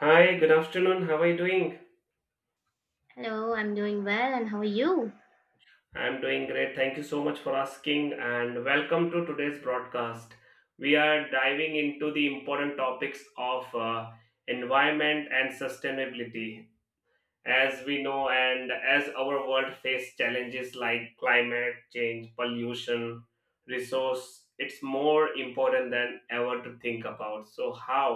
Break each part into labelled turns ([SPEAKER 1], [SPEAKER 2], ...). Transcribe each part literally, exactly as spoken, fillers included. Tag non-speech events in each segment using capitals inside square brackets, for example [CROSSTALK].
[SPEAKER 1] Hi, good afternoon. How are you doing?
[SPEAKER 2] Hello, I'm doing well, and how are you?
[SPEAKER 1] I'm doing great. Thank you so much for asking and welcome to today's broadcast. We are diving into the important topics of uh, environment and sustainability. As we know and as our world faces challenges like climate change, pollution, resource, it's more important than ever to think about so how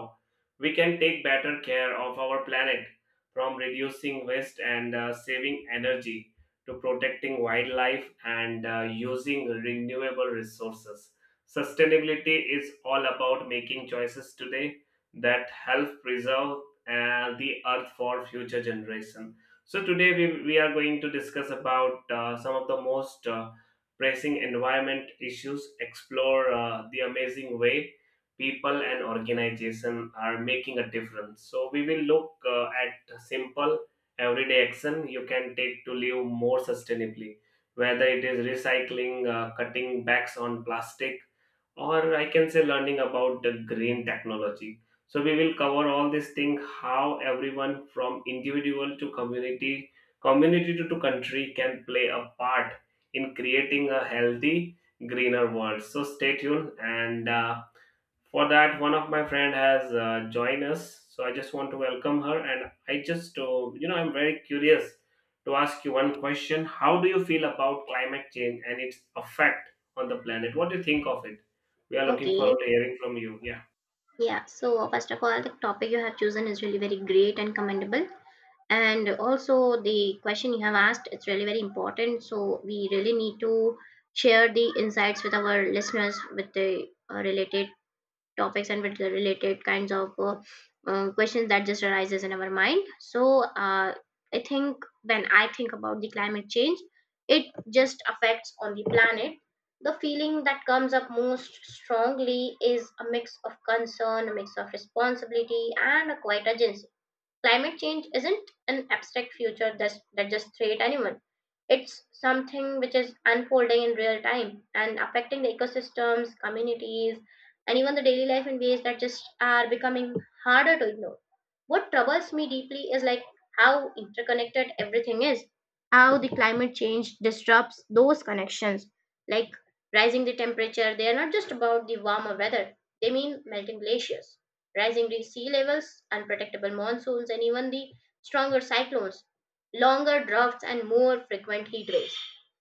[SPEAKER 1] we can take better care of our planet, from reducing waste and uh, saving energy to protecting wildlife and uh, using renewable resources. Sustainability is all about making choices today that help preserve and the earth for future generation. So today we, we are going to discuss about uh, some of the most uh, pressing environment issues, explore uh, the amazing way people and organization are making a difference. So we will look uh, at simple everyday action you can take to live more sustainably, whether it is recycling, uh, cutting backs on plastic, or I can say learning about the green technology. So we will cover all these things, how everyone from individual to community, community to, to country can play a part in creating a healthy, greener world. So stay tuned. And uh, for that, one of my friend has uh, joined us. So I just want to welcome her. And I just, uh, you know, I'm very curious to ask you one question. How do you feel about climate change and its effect on the planet? What do you think of it? We are looking
[SPEAKER 2] Okay,
[SPEAKER 1] forward to hearing from you. Yeah.
[SPEAKER 2] yeah. So uh, first of all, the topic you have chosen is really very great and commendable, and also the question you have asked it's really very important. So we really need to share the insights with our listeners with the uh, related topics and with the related kinds of uh, uh, questions that just arises in our mind so uh, i think when I think about the climate change it just affects on the planet. The feeling that comes up most strongly is a mix of concern, a mix of responsibility, and a quiet urgency. Climate change isn't an abstract future that's, that just threat anyone. It's something which is unfolding in real time and affecting the ecosystems, communities, and even the daily life in ways that just are becoming harder to ignore. What troubles me deeply is like how interconnected everything is, how the climate change disrupts those connections. Like rising the temperature, they are not just about the warmer weather, they mean melting glaciers, rising sea levels, unpredictable monsoons, and even the stronger cyclones, longer droughts, and more frequent heat waves.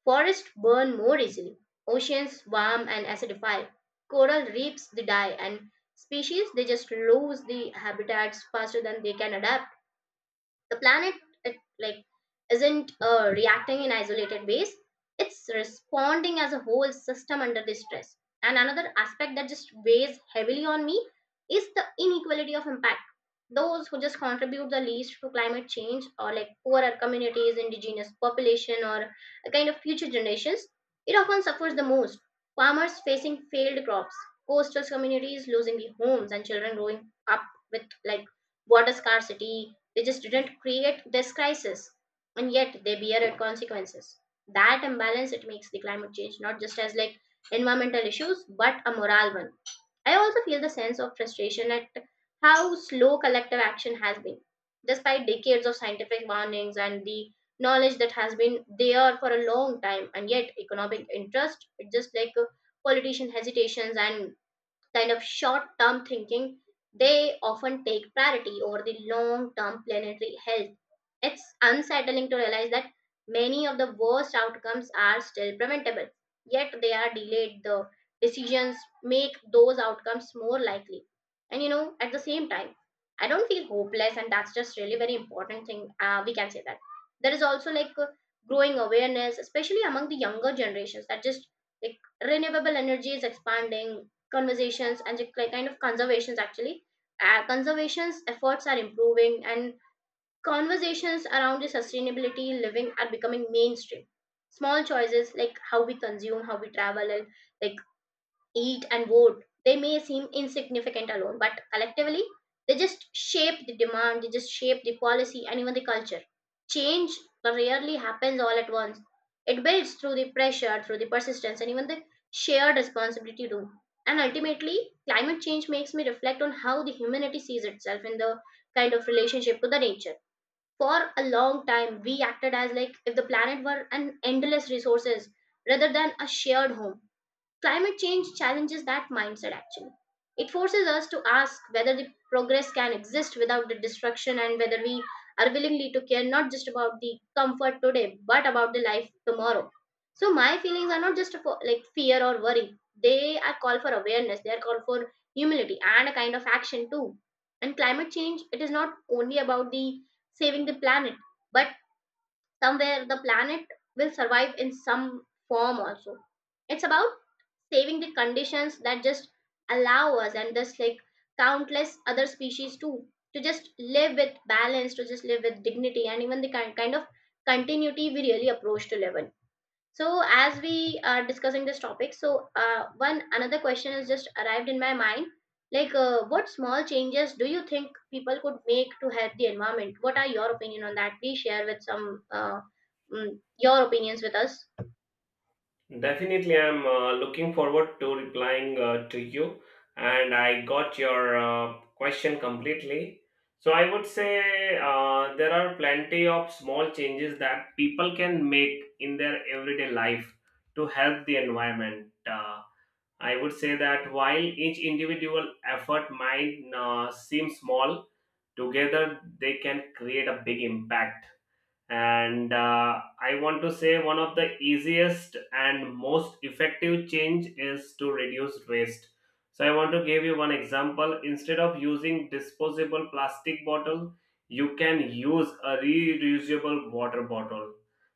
[SPEAKER 2] Forests burn more easily, oceans warm and acidify, coral reefs they die, and species they just lose the habitats faster than they can adapt. The planet, it, like, isn't uh, reacting in isolated ways. It's responding as a whole system under this stress. And another aspect that just weighs heavily on me is the inequality of impact. Those who just contribute the least to climate change, or like poorer communities, indigenous population, or a kind of future generations, it often suffers the most. Farmers facing failed crops, coastal communities losing their homes, and children growing up with like water scarcity, they just didn't create this crisis, and yet they bear its consequences. That imbalance, it makes the climate change not just as like environmental issues but a moral one. I also feel the sense of frustration at how slow collective action has been, despite decades of scientific warnings and the knowledge that has been there for a long time, and yet economic interest, it's just like uh, politician hesitations and kind of short term thinking, they often take priority over the long term planetary health. It's unsettling to realize that many of the worst outcomes are still preventable, yet they are delayed. The decisions make those outcomes more likely. And you know, at the same time, I don't feel hopeless, and that's just really very important thing. Uh, we can say that there is also like uh, growing awareness, especially among the younger generations, that just like renewable energy is expanding, conversations and just like kind of conservations actually. Uh, conservations efforts are improving, and conversations around the sustainability living are becoming mainstream. Small choices like how we consume, how we travel, and like eat and vote, they may seem insignificant alone, but collectively, they just shape the demand, they just shape the policy, and even the culture. Change rarely happens all at once. It builds through the pressure, through the persistence, and even the shared responsibility to do. And ultimately, climate change makes me reflect on how the humanity sees itself in the kind of relationship to the nature. For a long time we acted as like if the planet were an endless resources rather than a shared home. Climate change challenges that mindset actually. It forces us to ask whether the progress can exist without the destruction, and whether we are willingly to care not just about the comfort today but about the life tomorrow. So my feelings are not just for like fear or worry. They are call for awareness. They are call for humility and a kind of action too. And climate change, it is not only about the saving the planet, but somewhere the planet will survive in some form also. It's about saving the conditions that just allow us and thus, like countless other species too, to just live with balance, to just live with dignity, and even the ki- kind of continuity we really approach to live in. So as we are discussing this topic, so uh, one another question has just arrived in my mind, like uh, what small changes do you think people could make to help the environment? What are your opinion on that? Please share with some uh, mm, your opinions with us.
[SPEAKER 1] Definitely, I'm uh, looking forward to replying uh, to you. And I got your uh, question completely. So, I would say uh, there are plenty of small changes that people can make in their everyday life to help the environment. Uh, I would say that while each individual effort might uh, seem small, together they can create a big impact. And uh, I want to say one of the easiest and most effective change is to reduce waste. So I want to give you one example. Instead of using disposable plastic bottle, you can use a reusable water bottle.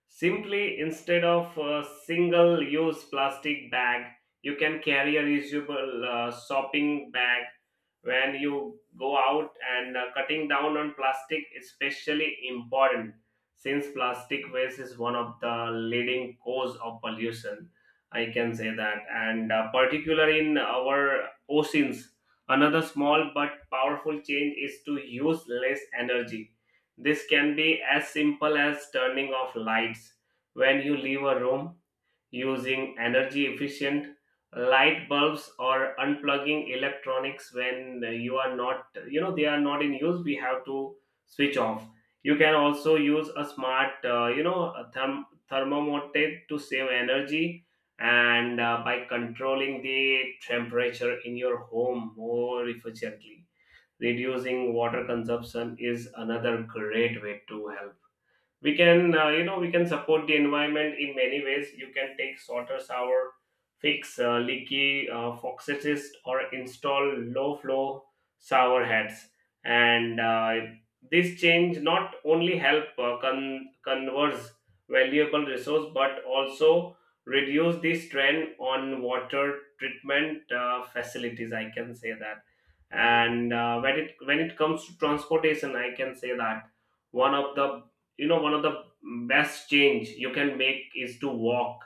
[SPEAKER 1] Simply instead of a single use plastic bag, you can carry a reusable uh, shopping bag when you go out. And uh, cutting down on plastic is especially important, since plastic waste is one of the leading cause of pollution, I can say that, and uh, particularly in our oceans. Another small but powerful change is to use less energy. This can be as simple as turning off lights when you leave a room, using energy efficient light bulbs, or unplugging electronics when uh, you are not you know they are not in use. We have to switch off. You can also use a smart, uh, you know a therm- thermometer to save energy and uh, by controlling the temperature in your home more efficiently. Reducing water consumption is another great way to help. We can, uh, you know we can support the environment in many ways. You can take water shower, fix uh, leaky uh, faucets, or install low flow shower heads. And uh, this change not only help uh, con- converse valuable resource, but also reduce the strain on water treatment uh, facilities, I can say that. And uh, when it when it comes to transportation, I can say that one of the, you know one of the best change you can make is to walk,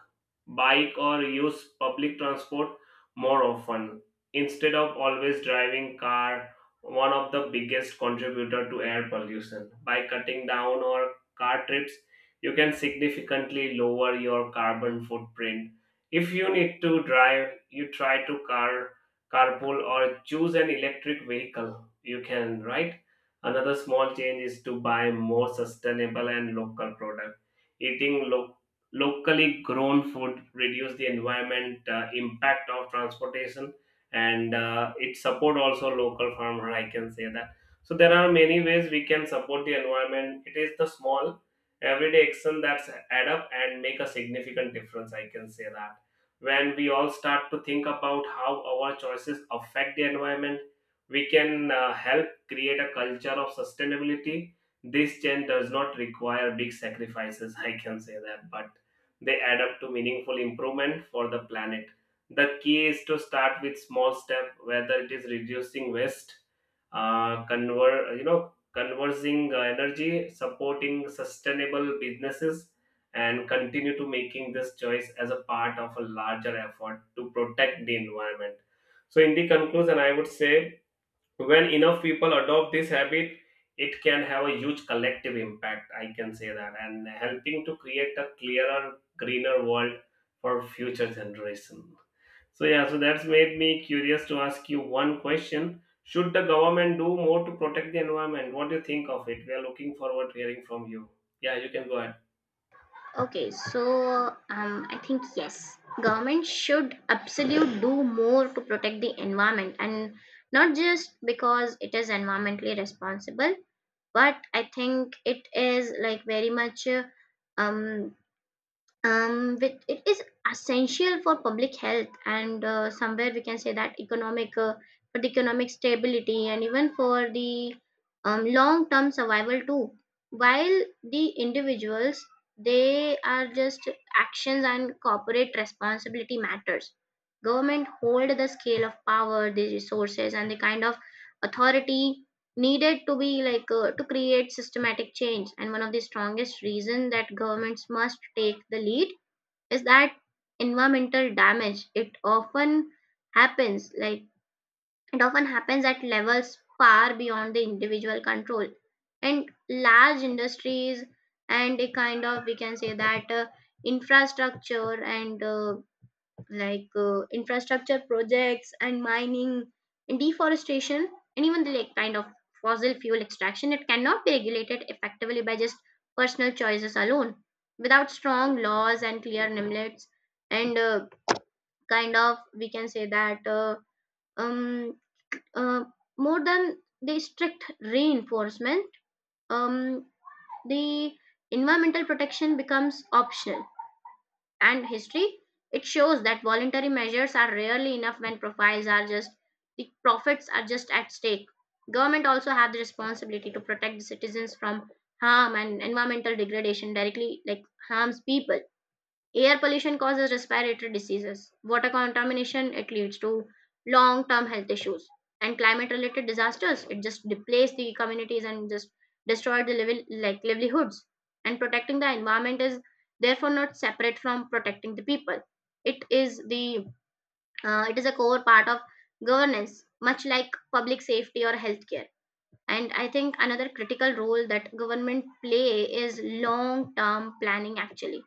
[SPEAKER 1] bike, or use public transport more often instead of always driving car, one of the biggest contributor to air pollution. By cutting down or car trips, you can significantly lower your carbon footprint. If you need to drive, you try to car carpool or choose an electric vehicle, you can, right. Another small change is to buy more sustainable and local product. Eating lo- locally grown food reduce the environment uh, impact of transportation, and uh, it support also local farmer. I can say that. So there are many ways we can support the environment. It is the small everyday action that's add up and make a significant difference. I can say that when we all start to think about how our choices affect the environment, we can uh, help create a culture of sustainability. This change does not require big sacrifices, I can say that, but they add up to meaningful improvement for the planet. The key is to start with small step, whether it is reducing waste, uh, conver- you know, conversing uh, energy, supporting sustainable businesses, and continue to making this choice as a part of a larger effort to protect the environment. So, in the conclusion, I would say when enough people adopt this habit, it can have a huge collective impact, I can say that, and helping to create a clearer, greener world for future generation. So yeah, so that's made me curious to ask you one question. Should the government do more to protect the environment? What do you think of it? We are looking forward to hearing from you. Yeah, you can go ahead.
[SPEAKER 2] Okay, so um, I think yes, government should absolutely do more to protect the environment, and not just because it is environmentally responsible, but I think it is like very much uh, um um, which it is essential for public health and uh, somewhere we can say that economic uh, for the economic stability and even for the um, long term survival too. While the individuals, they are just actions and corporate responsibility matters, government hold the scale of power, the resources, and the kind of authority needed to be like uh, to create systematic change. And one of the strongest reason that governments must take the lead is that environmental damage, it often happens like it often happens at levels far beyond the individual control. And large industries and a kind of we can say that uh, infrastructure and uh, like uh, infrastructure projects and mining and deforestation and even the like kind of fossil fuel extraction, it cannot be regulated effectively by just personal choices alone without strong laws and clear limits, and uh, kind of we can say that uh, um uh, more than the strict reinforcement, um the environmental protection becomes optional. And history, it shows that voluntary measures are rarely enough when profiles are just the profits are just at stake. Government also have the responsibility to protect the citizens from harm, and environmental degradation directly like harms people. Air pollution causes respiratory diseases. Water contamination, it leads to long term health issues. And climate related disasters, it just depletes the communities and just destroy the living, like livelihoods. And protecting the environment is therefore not separate from protecting the people. It is the uh, it is a core part of governance, much like public safety or healthcare. And I think another critical role that government play is long term planning actually.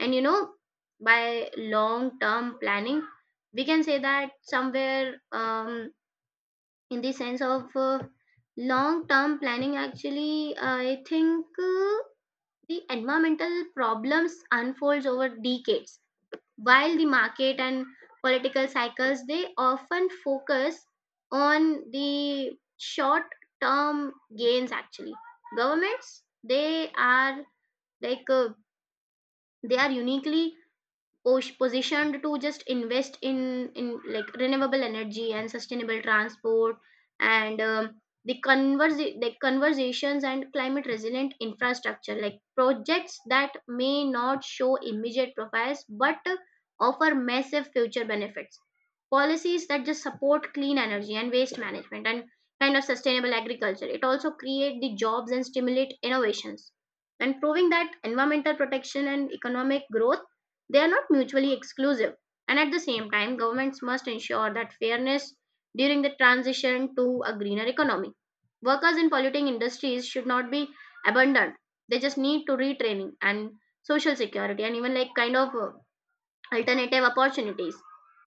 [SPEAKER 2] And you know, by long term planning we can say that somewhere um, in the sense of uh, long term planning actually, i think uh, the environmental problems unfolds over decades, while the market and political cycles they often focus on the short term gains actually. Governments, they are like uh, they are uniquely pos- positioned to just invest in in like renewable energy and sustainable transport and um, the converse the conversations and climate resilient infrastructure, like projects that may not show immediate profits but offer massive future benefits. Policies that just support clean energy and waste management and kind of sustainable agriculture, it also create the jobs and stimulate innovations, and proving that environmental protection and economic growth, they are not mutually exclusive. And at the same time, governments must ensure that fairness during the transition to a greener economy. Workers in polluting industries should not be abandoned. They just need to retraining and social security and even like kind of uh, alternative opportunities.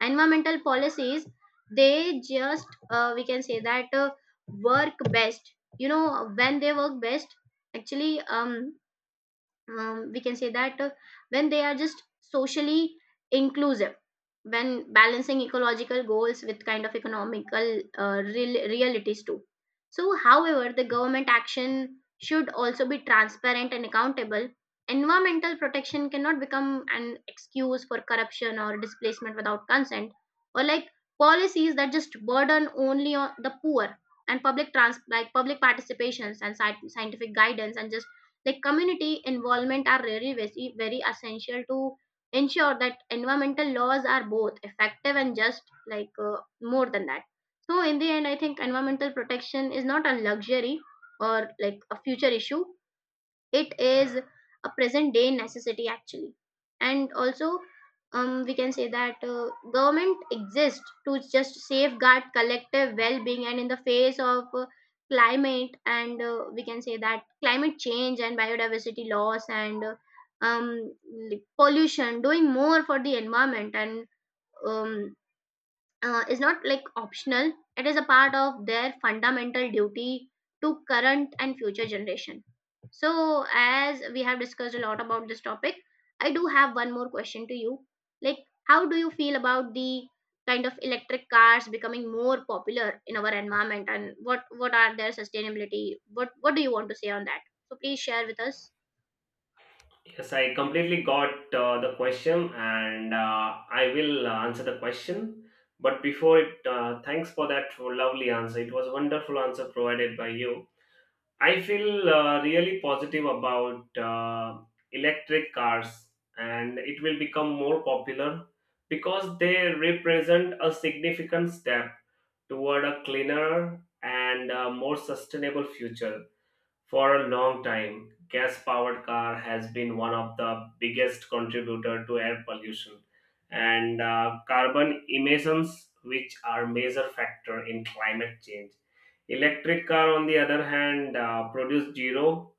[SPEAKER 2] Environmental policies, they just uh, we can say that uh, work best. You know when they work best actually, um um, we can say that uh, when they are just socially inclusive, when balancing ecological goals with kind of economical uh, real, realities too. So however the government action should also be transparent and accountable. Environmental protection cannot become an excuse for corruption or displacement without consent, or like policies that just burden only on the poor. And public trans like public participations and sci- scientific guidance and just like community involvement are really very, very essential to ensure that environmental laws are both effective and just like uh, more than that. So in the end I think environmental protection is not a luxury or like a future issue, it is a present day necessity actually. And also, um, we can say that uh, government exists to just safeguard collective well-being, and in the face of uh, climate and uh, we can say that climate change and biodiversity loss and uh, um, like pollution, doing more for the environment and um, uh, is not like optional, it is a part of their fundamental duty to current and future generation. So as we have discussed a lot about this topic, I do have one more question to you, like how do you feel about the kind of electric cars becoming more popular in our environment, and what what are their sustainability, what what do you want to say on that? So please share with us.
[SPEAKER 1] Yes, I completely got uh, the question, and uh, I will uh, answer the question. But before it, uh, thanks for that lovely answer. It was a wonderful answer provided by you. I feel uh, really positive about uh, electric cars, and it will become more popular because they represent a significant step toward a cleaner and uh, more sustainable future. For a long time, gas-powered car has been one of the biggest contributor to air pollution and uh, carbon emissions, which are major factor in climate change. Electric car, on the other hand, uh, produce zero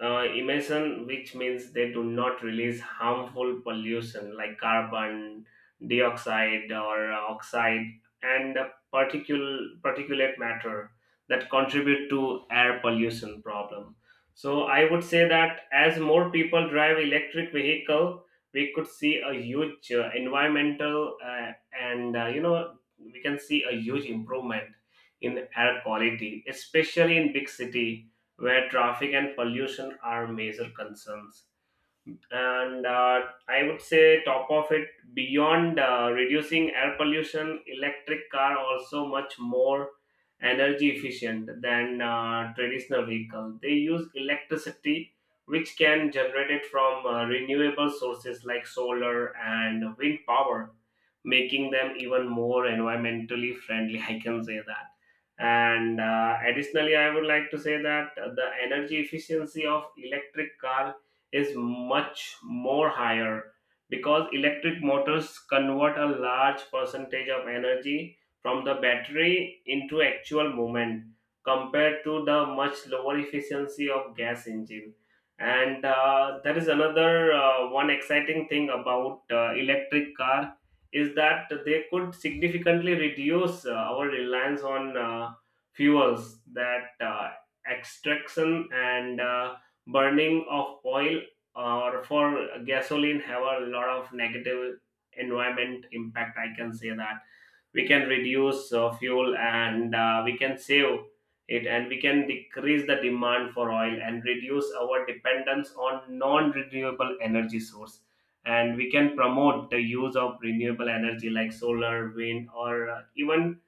[SPEAKER 1] uh, emission, which means they do not release harmful pollution like carbon dioxide or oxide and particul- particulate matter that contribute to air pollution problem. So I would say that as more people drive electric vehicle, we could see a huge uh, environmental uh, and uh, you know we can see a huge improvement in air quality, especially in big city where traffic and pollution are major concerns. And uh, I would say, top of it, beyond uh, reducing air pollution, electric car also much more energy efficient than uh, traditional vehicle. They use electricity, which can generate it from uh, renewable sources like solar and wind power, making them even more environmentally friendly, [LAUGHS] I can say that. And uh, additionally, I would like to say that the energy efficiency of electric car is much more higher, because electric motors convert a large percentage of energy from the battery into actual movement, compared to the much lower efficiency of gas engine. And uh, there is another uh, one exciting thing about uh, electric car, is that they could significantly reduce uh, our reliance on uh, fuels. That uh, extraction and uh, burning of oil or for gasoline have a lot of negative environment impact, I can say that. We can reduce uh, fuel and uh, we can save it, and we can decrease the demand for oil and reduce our dependence on non-renewable energy source, and we can promote the use of renewable energy like solar, wind, or uh, even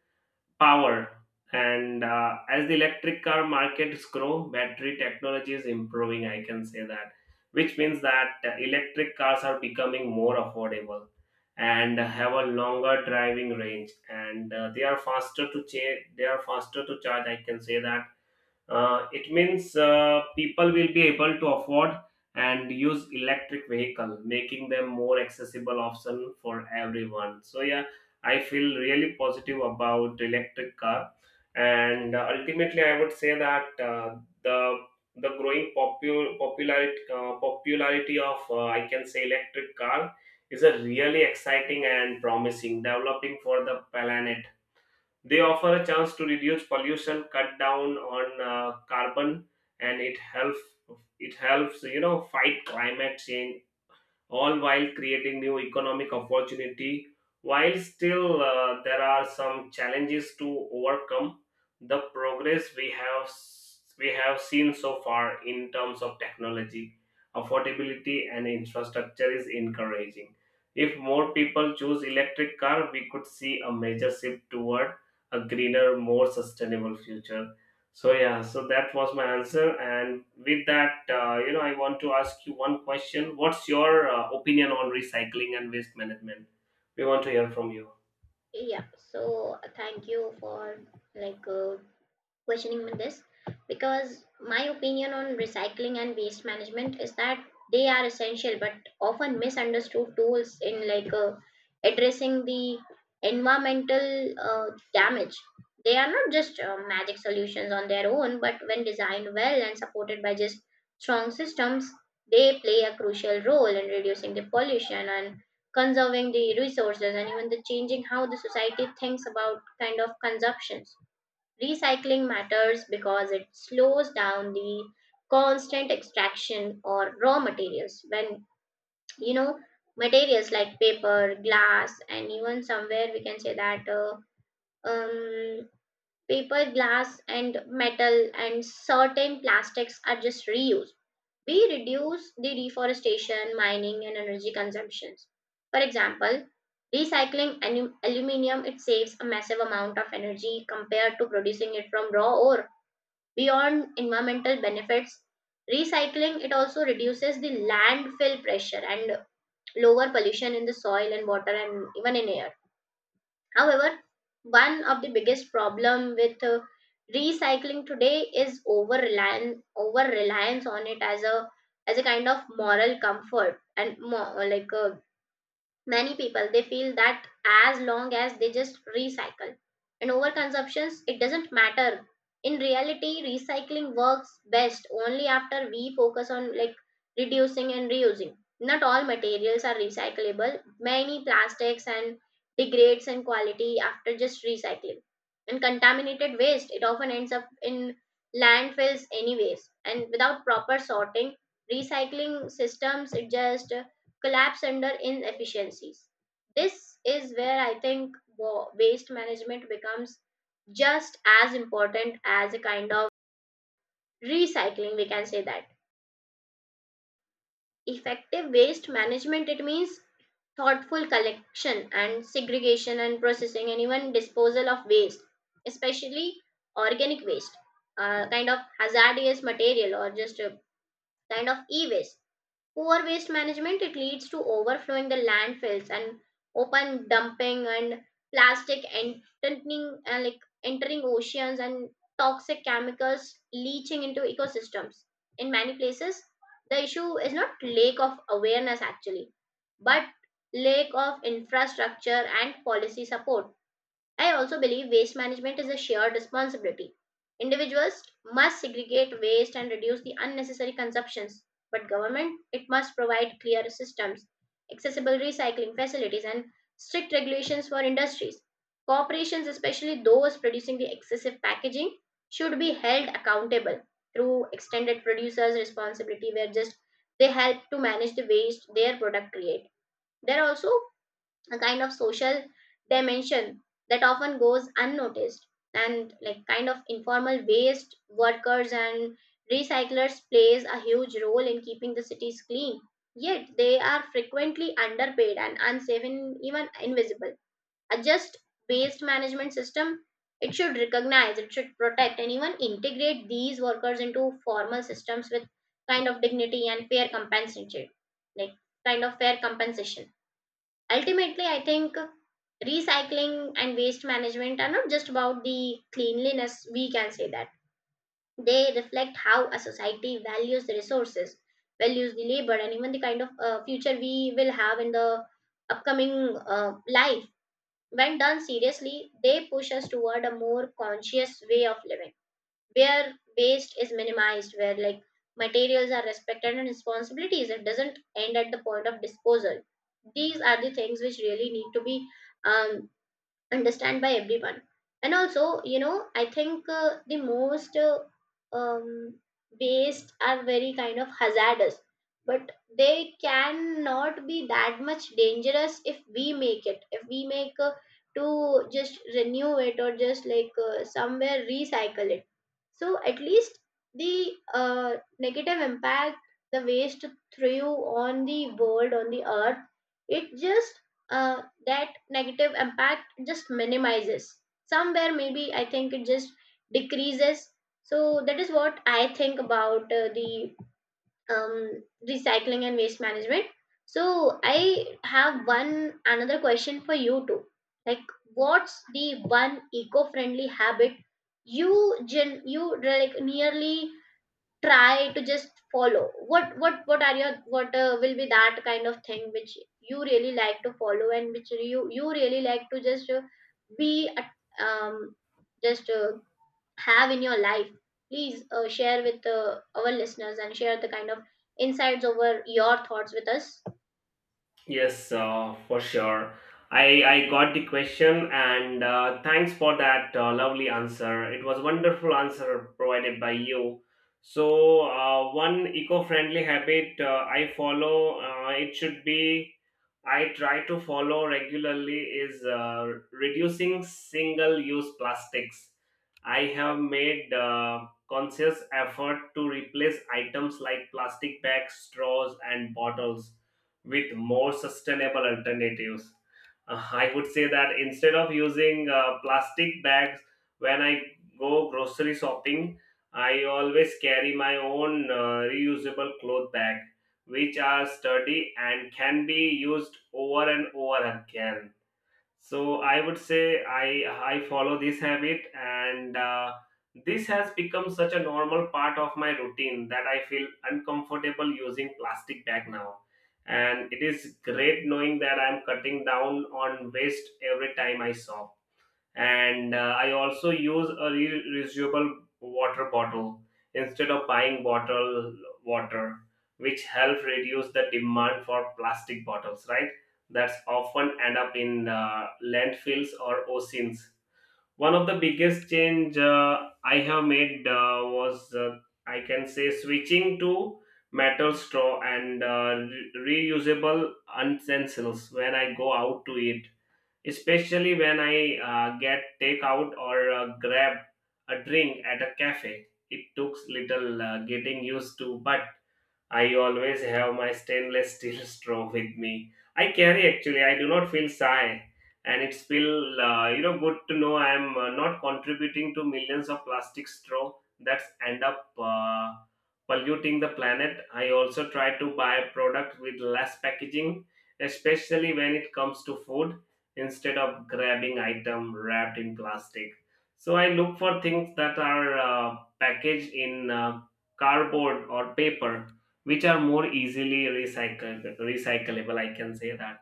[SPEAKER 1] Power. And uh, as the electric car markets grow, battery technology is improving, I can say that, which means that uh, electric cars are becoming more affordable and have a longer driving range, and uh, they are faster to cha- they are faster to charge, I can say that. Uh, it means uh, people will be able to afford and use electric vehicle, making them more accessible option for everyone. So yeah, I feel really positive about electric car, and uh, ultimately I would say that, uh, the the growing popu- popularity uh, popularity of, uh, I can say, electric car is a really exciting and promising developing for the planet. They offer a chance to reduce pollution, cut down on uh, carbon, and it helps it helps you know fight climate change, all while creating new economic opportunity. While still uh, there are some challenges to overcome, the progress we have s- we have seen so far in terms of technology, affordability, and infrastructure is encouraging. If more people choose electric car, we could see a major shift toward a greener, more sustainable future. So yeah, so that was my answer. And with that, uh, you know, I want to ask you one question. What's your uh, opinion on recycling and waste management? We want to hear from you.
[SPEAKER 2] Yeah, so uh, thank you for like uh, questioning with this, because my opinion on recycling and waste management is that they are essential but often misunderstood tools in like uh, addressing the environmental uh, damage. They are not just uh, magic solutions on their own, but when designed well and supported by just strong systems, they play a crucial role in reducing the pollution and conserving the resources and even the changing how the society thinks about kind of consumptions. Recycling matters because it slows down the constant extraction or raw materials when you know materials like paper, glass, and even somewhere we can say that uh, um, paper, glass, and metal and certain plastics are just reused. We reduce the deforestation, mining, and energy consumptions. For example, recycling alu- aluminium, it saves a massive amount of energy compared to producing it from raw ore. Beyond environmental benefits, recycling it also reduces the landfill pressure and lower pollution in the soil and water and even in air. However, one of the biggest problem with uh, recycling today is over reliance over reliance on it as a as a kind of moral comfort, and more like uh, many people they feel that as long as they just recycle and over consumptions, it doesn't matter. In reality, recycling works best only after we focus on like reducing and reusing. Not all materials are recyclable, many plastics and degrades in quality after just recycling, and contaminated waste it often ends up in landfills anyways, and without proper sorting, recycling systems it just collapse under inefficiencies. This is where I think wa- waste management becomes just as important as a kind of recycling, we can say that. Effective waste management, it means thoughtful collection and segregation and processing and even disposal of waste, especially organic waste, uh, kind of hazardous material, or just a kind of e waste. Poor waste management, it leads to overflowing the landfills and open dumping and plastic entering and like entering oceans and toxic chemicals leaching into ecosystems. In many places, the issue is not lack of awareness actually, but lack of infrastructure and policy support. I also believe waste management is a shared responsibility. Individuals must segregate waste and reduce the unnecessary consumptions, but government it must provide clear systems, accessible recycling facilities, and strict regulations for industries. Corporations, especially those producing the excessive packaging, should be held accountable through extended producers responsibility, where just they help to manage the waste their product create. There are also a kind of social dimension that often goes unnoticed, and like kind of informal waste workers and recyclers plays a huge role in keeping the cities clean, yet they are frequently underpaid and unsafe and even invisible. A just waste management system, it should recognize, it should protect, and even integrate these workers into formal systems with kind of dignity and fair compensation, like kind of fair compensation. Ultimately, I think recycling and waste management are not just about the cleanliness, we can say that. They reflect how a society values the resources, values the labor, and even the kind of uh, future we will have in the upcoming uh, life. When done seriously, they push us toward a more conscious way of living, where waste is minimized, where like materials are respected and responsibilities it doesn't end at the point of disposal. These are the things which really need to be um, understand by everyone. And also, you know I think uh, the most uh, um, waste are very kind of hazardous, but they cannot be that much dangerous if we make it if we make uh, to just renew it or just like uh, somewhere recycle it, so at least the uh, negative impact the waste through on the world, on the earth, it just uh, that negative impact just minimizes, somewhere maybe I think it just decreases. So that is what I think about uh, the um, recycling and waste management. So I have one another question for you too, like what's the one eco-friendly habit you gen you like nearly try to just follow, what what what are your, what uh, will be that kind of thing which you really like to follow, and which you you really like to just uh, be uh, um just uh, have in your life. Please uh, share with uh, our listeners, and share the kind of insights over your thoughts with us.
[SPEAKER 1] Yes, uh, for sure. I, I got the question, and uh, thanks for that uh, lovely answer. It was wonderful answer provided by you. So uh, one eco-friendly habit uh, I follow uh, it should be I try to follow regularly is uh, reducing single-use plastics. I have made uh, conscious effort to replace items like plastic bags, straws, and bottles with more sustainable alternatives. Uh, I would say that instead of using uh, plastic bags when I go grocery shopping, I always carry my own uh, reusable cloth bag, which are sturdy and can be used over and over again. So I would say I I follow this habit, and uh, this has become such a normal part of my routine that I feel uncomfortable using plastic bag now. And it is great knowing that I'm cutting down on waste every time I shop. And uh, I also use a re- reusable water bottle instead of buying bottled water, which helps reduce the demand for plastic bottles, right, that's often end up in uh, landfills or oceans. One of the biggest change uh, I have made uh, was uh, I can say switching to metal straw and uh, re- reusable utensils when I go out to eat, especially when I uh, get takeout or uh, grab a drink at a cafe. It took little uh, getting used to, but I always have my stainless steel [LAUGHS] straw with me. I carry actually. I do not feel shy, and it's feel, uh, you know good to know I am uh, not contributing to millions of plastic straw that's end up uh, polluting the planet. I also try to buy product with less packaging, especially when it comes to food, instead of grabbing item wrapped in plastic. So I look for things that are uh, packaged in uh, cardboard or paper, which are more easily recycled recyclable, I can say that.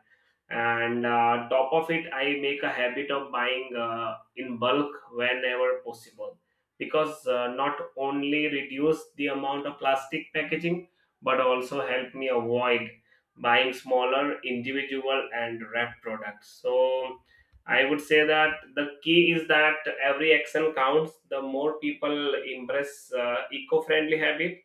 [SPEAKER 1] And uh, top of it, I make a habit of buying uh, in bulk whenever possible, because uh, not only reduce the amount of plastic packaging, but also help me avoid buying smaller individual and wrap products. So I would say that the key is that every action counts. The more people embrace uh, eco-friendly habit,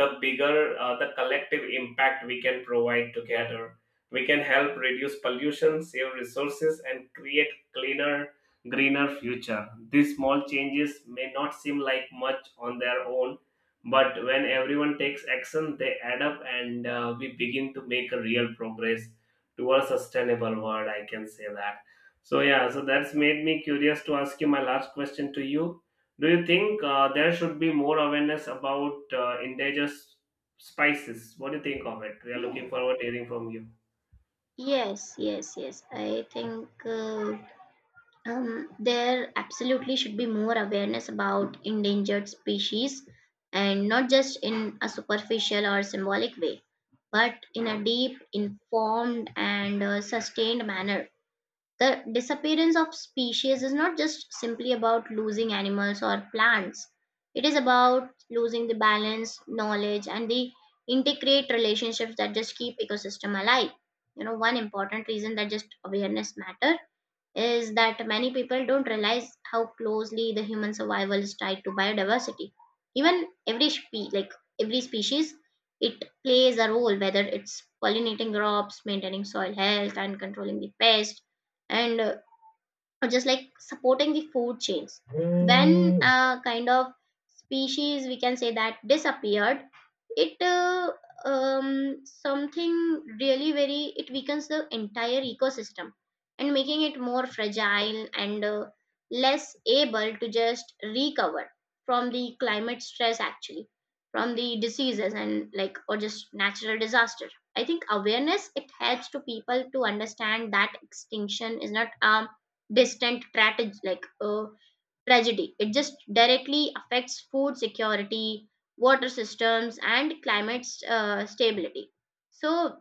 [SPEAKER 1] the bigger uh, the collective impact we can provide together. We can help reduce pollution, save resources, and create cleaner, greener future. These small changes may not seem like much on their own, but when everyone takes action, they add up, and uh, we begin to make a real progress towards sustainable world. I can say that. So yeah, so that's made me curious to ask you my last question to you. Do you think uh, there should be more awareness about uh, endangered s- spices? What do you think of it? We are looking forward to hearing from you.
[SPEAKER 2] Yes, yes, yes. I think uh, Um, there absolutely should be more awareness about endangered species, and not just in a superficial or symbolic way, but in a deep, informed, and uh, sustained manner. The disappearance of species is not just simply about losing animals or plants, it is about losing the balance, knowledge, and the integrate relationships that just keep ecosystem alive. You know, one important reason that just awareness matter is that many people don't realize how closely the human survival is tied to biodiversity. Even every spe- like every species, it plays a role, whether it's pollinating crops, maintaining soil health, and controlling the pest, and uh, or just like supporting the food chains. When uh, kind of species we can say that disappeared, it uh, um, something really very it weakens the entire ecosystem and making it more fragile and uh, less able to just recover from the climate stress actually, from the diseases and like or just natural disaster. I think awareness it helps to people to understand that extinction is not um distant tragedy, like uh, tragedy it just directly affects food security, water systems, and climate uh, stability. So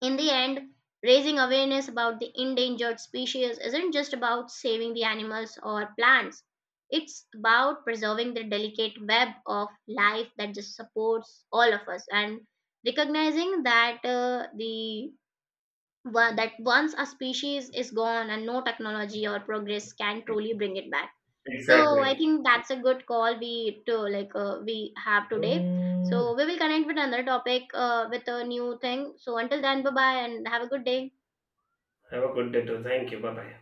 [SPEAKER 2] in the end, raising awareness about the endangered species isn't just about saving the animals or plants, it's about preserving the delicate web of life that just supports all of us, and recognizing that uh, the wa- that once a species is gone, and no technology or progress can truly bring it back. So I
[SPEAKER 1] Exactly.
[SPEAKER 2] think that's a good call we to like uh, we have today. So we will connect with another topic uh, with a new thing. So until then, bye bye, and have a good day.
[SPEAKER 1] Have a good day too. Thank you. Bye bye.